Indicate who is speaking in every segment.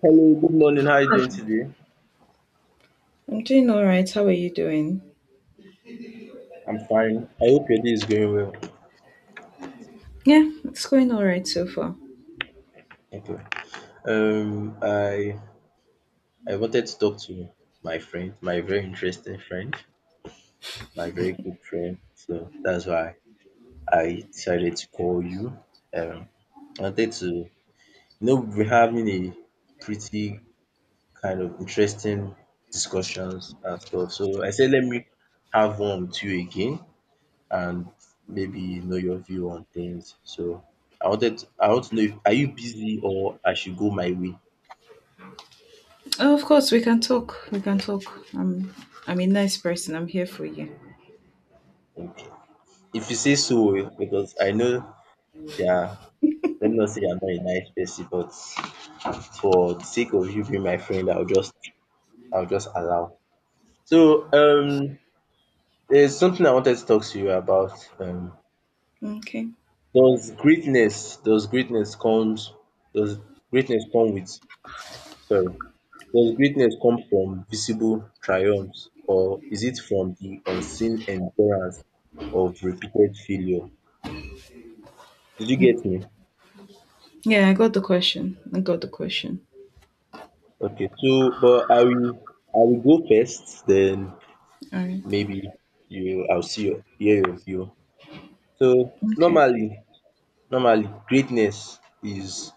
Speaker 1: Hello, good morning. How are you doing
Speaker 2: Hi.
Speaker 1: today?
Speaker 2: I'm doing all right. How are you doing?
Speaker 1: I'm fine. I hope your day is going well.
Speaker 2: Yeah, it's going all right so far.
Speaker 1: Okay. Um, I I wanted to talk to my friend, my very interesting friend, my very good friend. So that's why I decided to call you. Um, I wanted to, we're having a pretty kind of interesting discussions and stuff. So I said, let me have one with you again and maybe you know your view on things. So I want to know if are you busy or I should go my way?
Speaker 2: Oh, of course, we can talk. We can talk. I'm I'm a nice person. I'm here for you.
Speaker 1: Okay. If you say so, eh, because I know, yeah, let me not say I'm not a nice person, but for the sake of you being my friend, I'll just allow. So there's something I wanted to talk to you about.
Speaker 2: Okay.
Speaker 1: Does greatness comes does greatness come with sorry Does greatness come from visible triumphs, or is it from the unseen endurance of repeated failure? Did you get me?
Speaker 2: Yeah, I got the question. I got the question.
Speaker 1: Okay, so but I will go first, then
Speaker 2: All right.
Speaker 1: maybe you I'll see your hear your view. So
Speaker 2: Okay.
Speaker 1: normally normally greatness is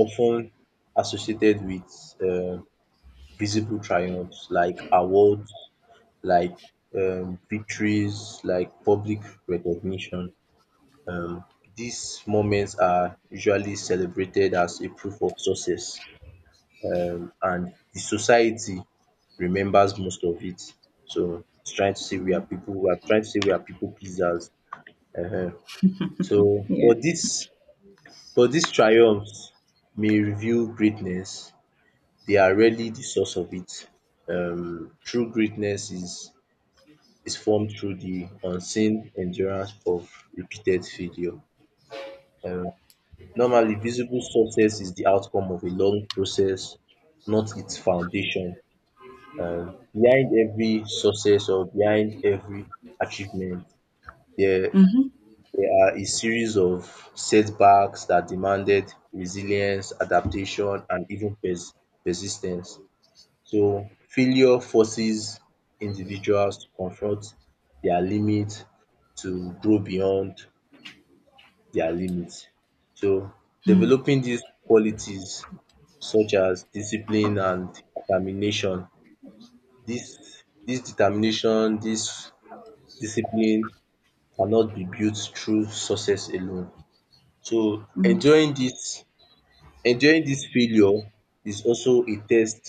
Speaker 1: often associated with um visible triumphs like awards, like victories, like public recognition. These moments are usually celebrated as a proof of success, and the society remembers most of it. So it's trying to say we are people we are trying to say we are people pleasers. Ehen. So
Speaker 2: Yeah.
Speaker 1: but these triumphs may reveal greatness, they are rarely the source of it. True greatness is formed through the unseen endurance of repeated failure. Um, Normally, visible success is the outcome of a long process, not its foundation. Behind every success or behind every achievement, there,
Speaker 2: Mhm.
Speaker 1: there are a series of setbacks that demanded resilience, adaptation, and even persistence. So, failure forces individuals to confront their limits, to grow beyond their limits. So, developing these qualities such as discipline and determination, dis dis determination dis discipline cannot be built through success alone. So
Speaker 2: Mhm.
Speaker 1: enduring dis failure is also a test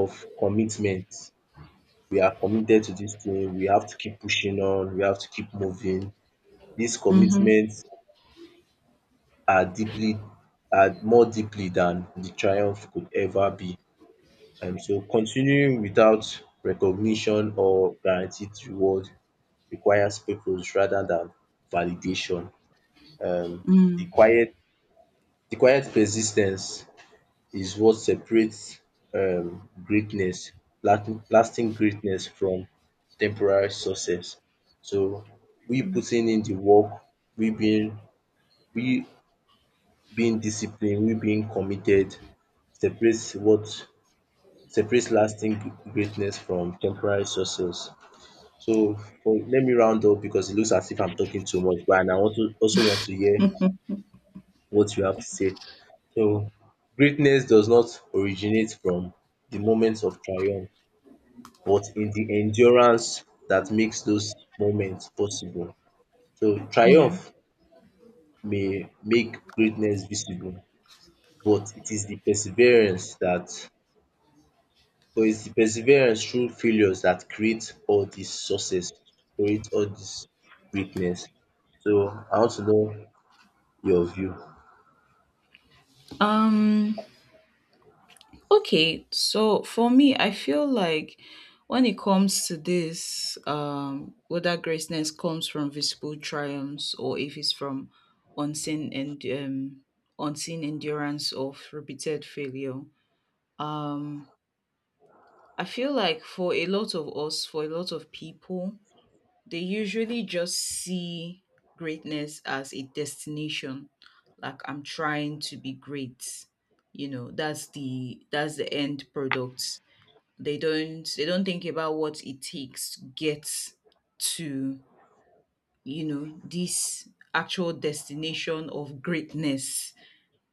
Speaker 1: of commitment. We are committed to dis thing, we have to keep pushing on, we have to keep moving. Dis
Speaker 2: Mhm.
Speaker 1: commitment are deeply are more deeply than de triumph could ever be. So continuing without recognition or guaranteed reward requires purpose rather than validation. um the
Speaker 2: Mm.
Speaker 1: quiet the quiet persistence is what separates greatness lasting lasting greatness from temporary success. So we putting in the work, we being we being disciplined, we being committed separates what separates lasting greatness from temporary success. So for let me round up because it looks as if I'm talking too much, but and I want to also want to hear what you have to say. So greatness does not originate from the moments of triumph, but in the endurance that makes those moments possible. So
Speaker 2: Yeah.
Speaker 1: triumph may make greatness visible, but it is the perseverance that but it's the perseverance through failures that create all this greatness. So I want to know your view.
Speaker 2: Um. Okay, so for me, I feel like when it comes to this, whether greatness comes from visible triumphs or if it's from unseen and um, unseen endurance of repeated failure, um, I feel like for a lot of us, for a lot of people, they usually just see greatness as a destination. Like I'm trying to be great. That's the end product. They don't think about what it takes to get to this actual destination of greatness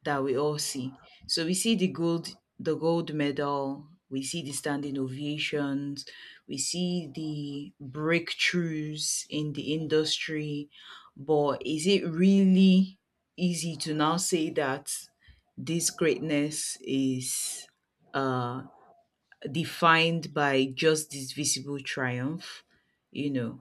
Speaker 2: that we all see. So we see the gold medal, we see the standing ovations, we see the breakthroughs in the industry, but is it really easy to now say that this greatness is uh defined by just this visible triumph, you know,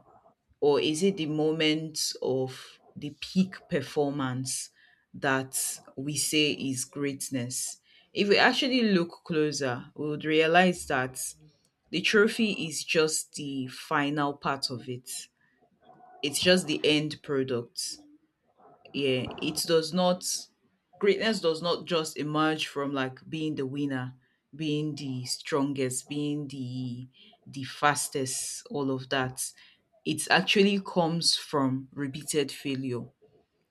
Speaker 2: or is it the moment of the peak performance that we say is greatness? If we actually look closer, we would realize that the trophy is just the final part of it. It's just the end product. Yeah, it does not greatness does not just emerge from like being the winner, being the strongest, being the fastest, all of that. It actually comes from repeated failure.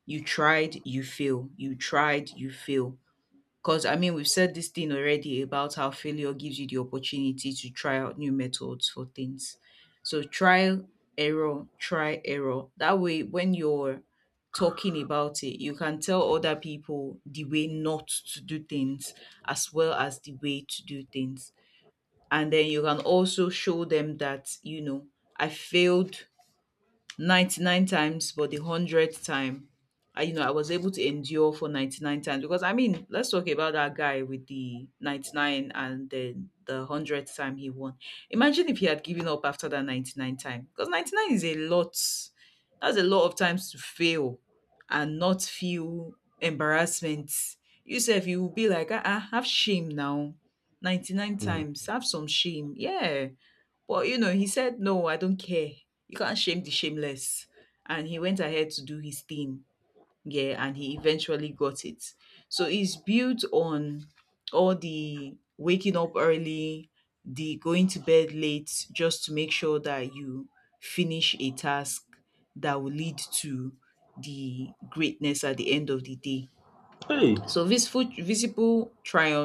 Speaker 2: You tried, you fail, you tried, you fail. Because, I mean, we've said this thing already about how failure gives you the opportunity to try out new methods for things. So, trial, error, try, error. That way, when you're talking about it, you can tell other people the way not to do things as well as the way to do things. And then you can also show them that, I failed 99 times, but the 100th time, I was able to endure for 99 times, because I mean, let's talk about that guy with the 99 and then the 100th time he won. Imagine if he had given up after that 99 time, because 99 is a lot. That's a lot of times to fail and not feel embarrassment. Yourself, you will be like, ah, ah, have shame now. 99
Speaker 1: Mm.
Speaker 2: times, have some shame. Yeah, but he said, "No, I don't care. You can't shame the shameless." And he went ahead to do his thing. Yeah, and he eventually got it. So it's built on all the waking up early, the going to bed late, just to make sure that you finish a task that will lead to the greatness at the end of the day.
Speaker 1: Hey,
Speaker 2: So these visible triumphs,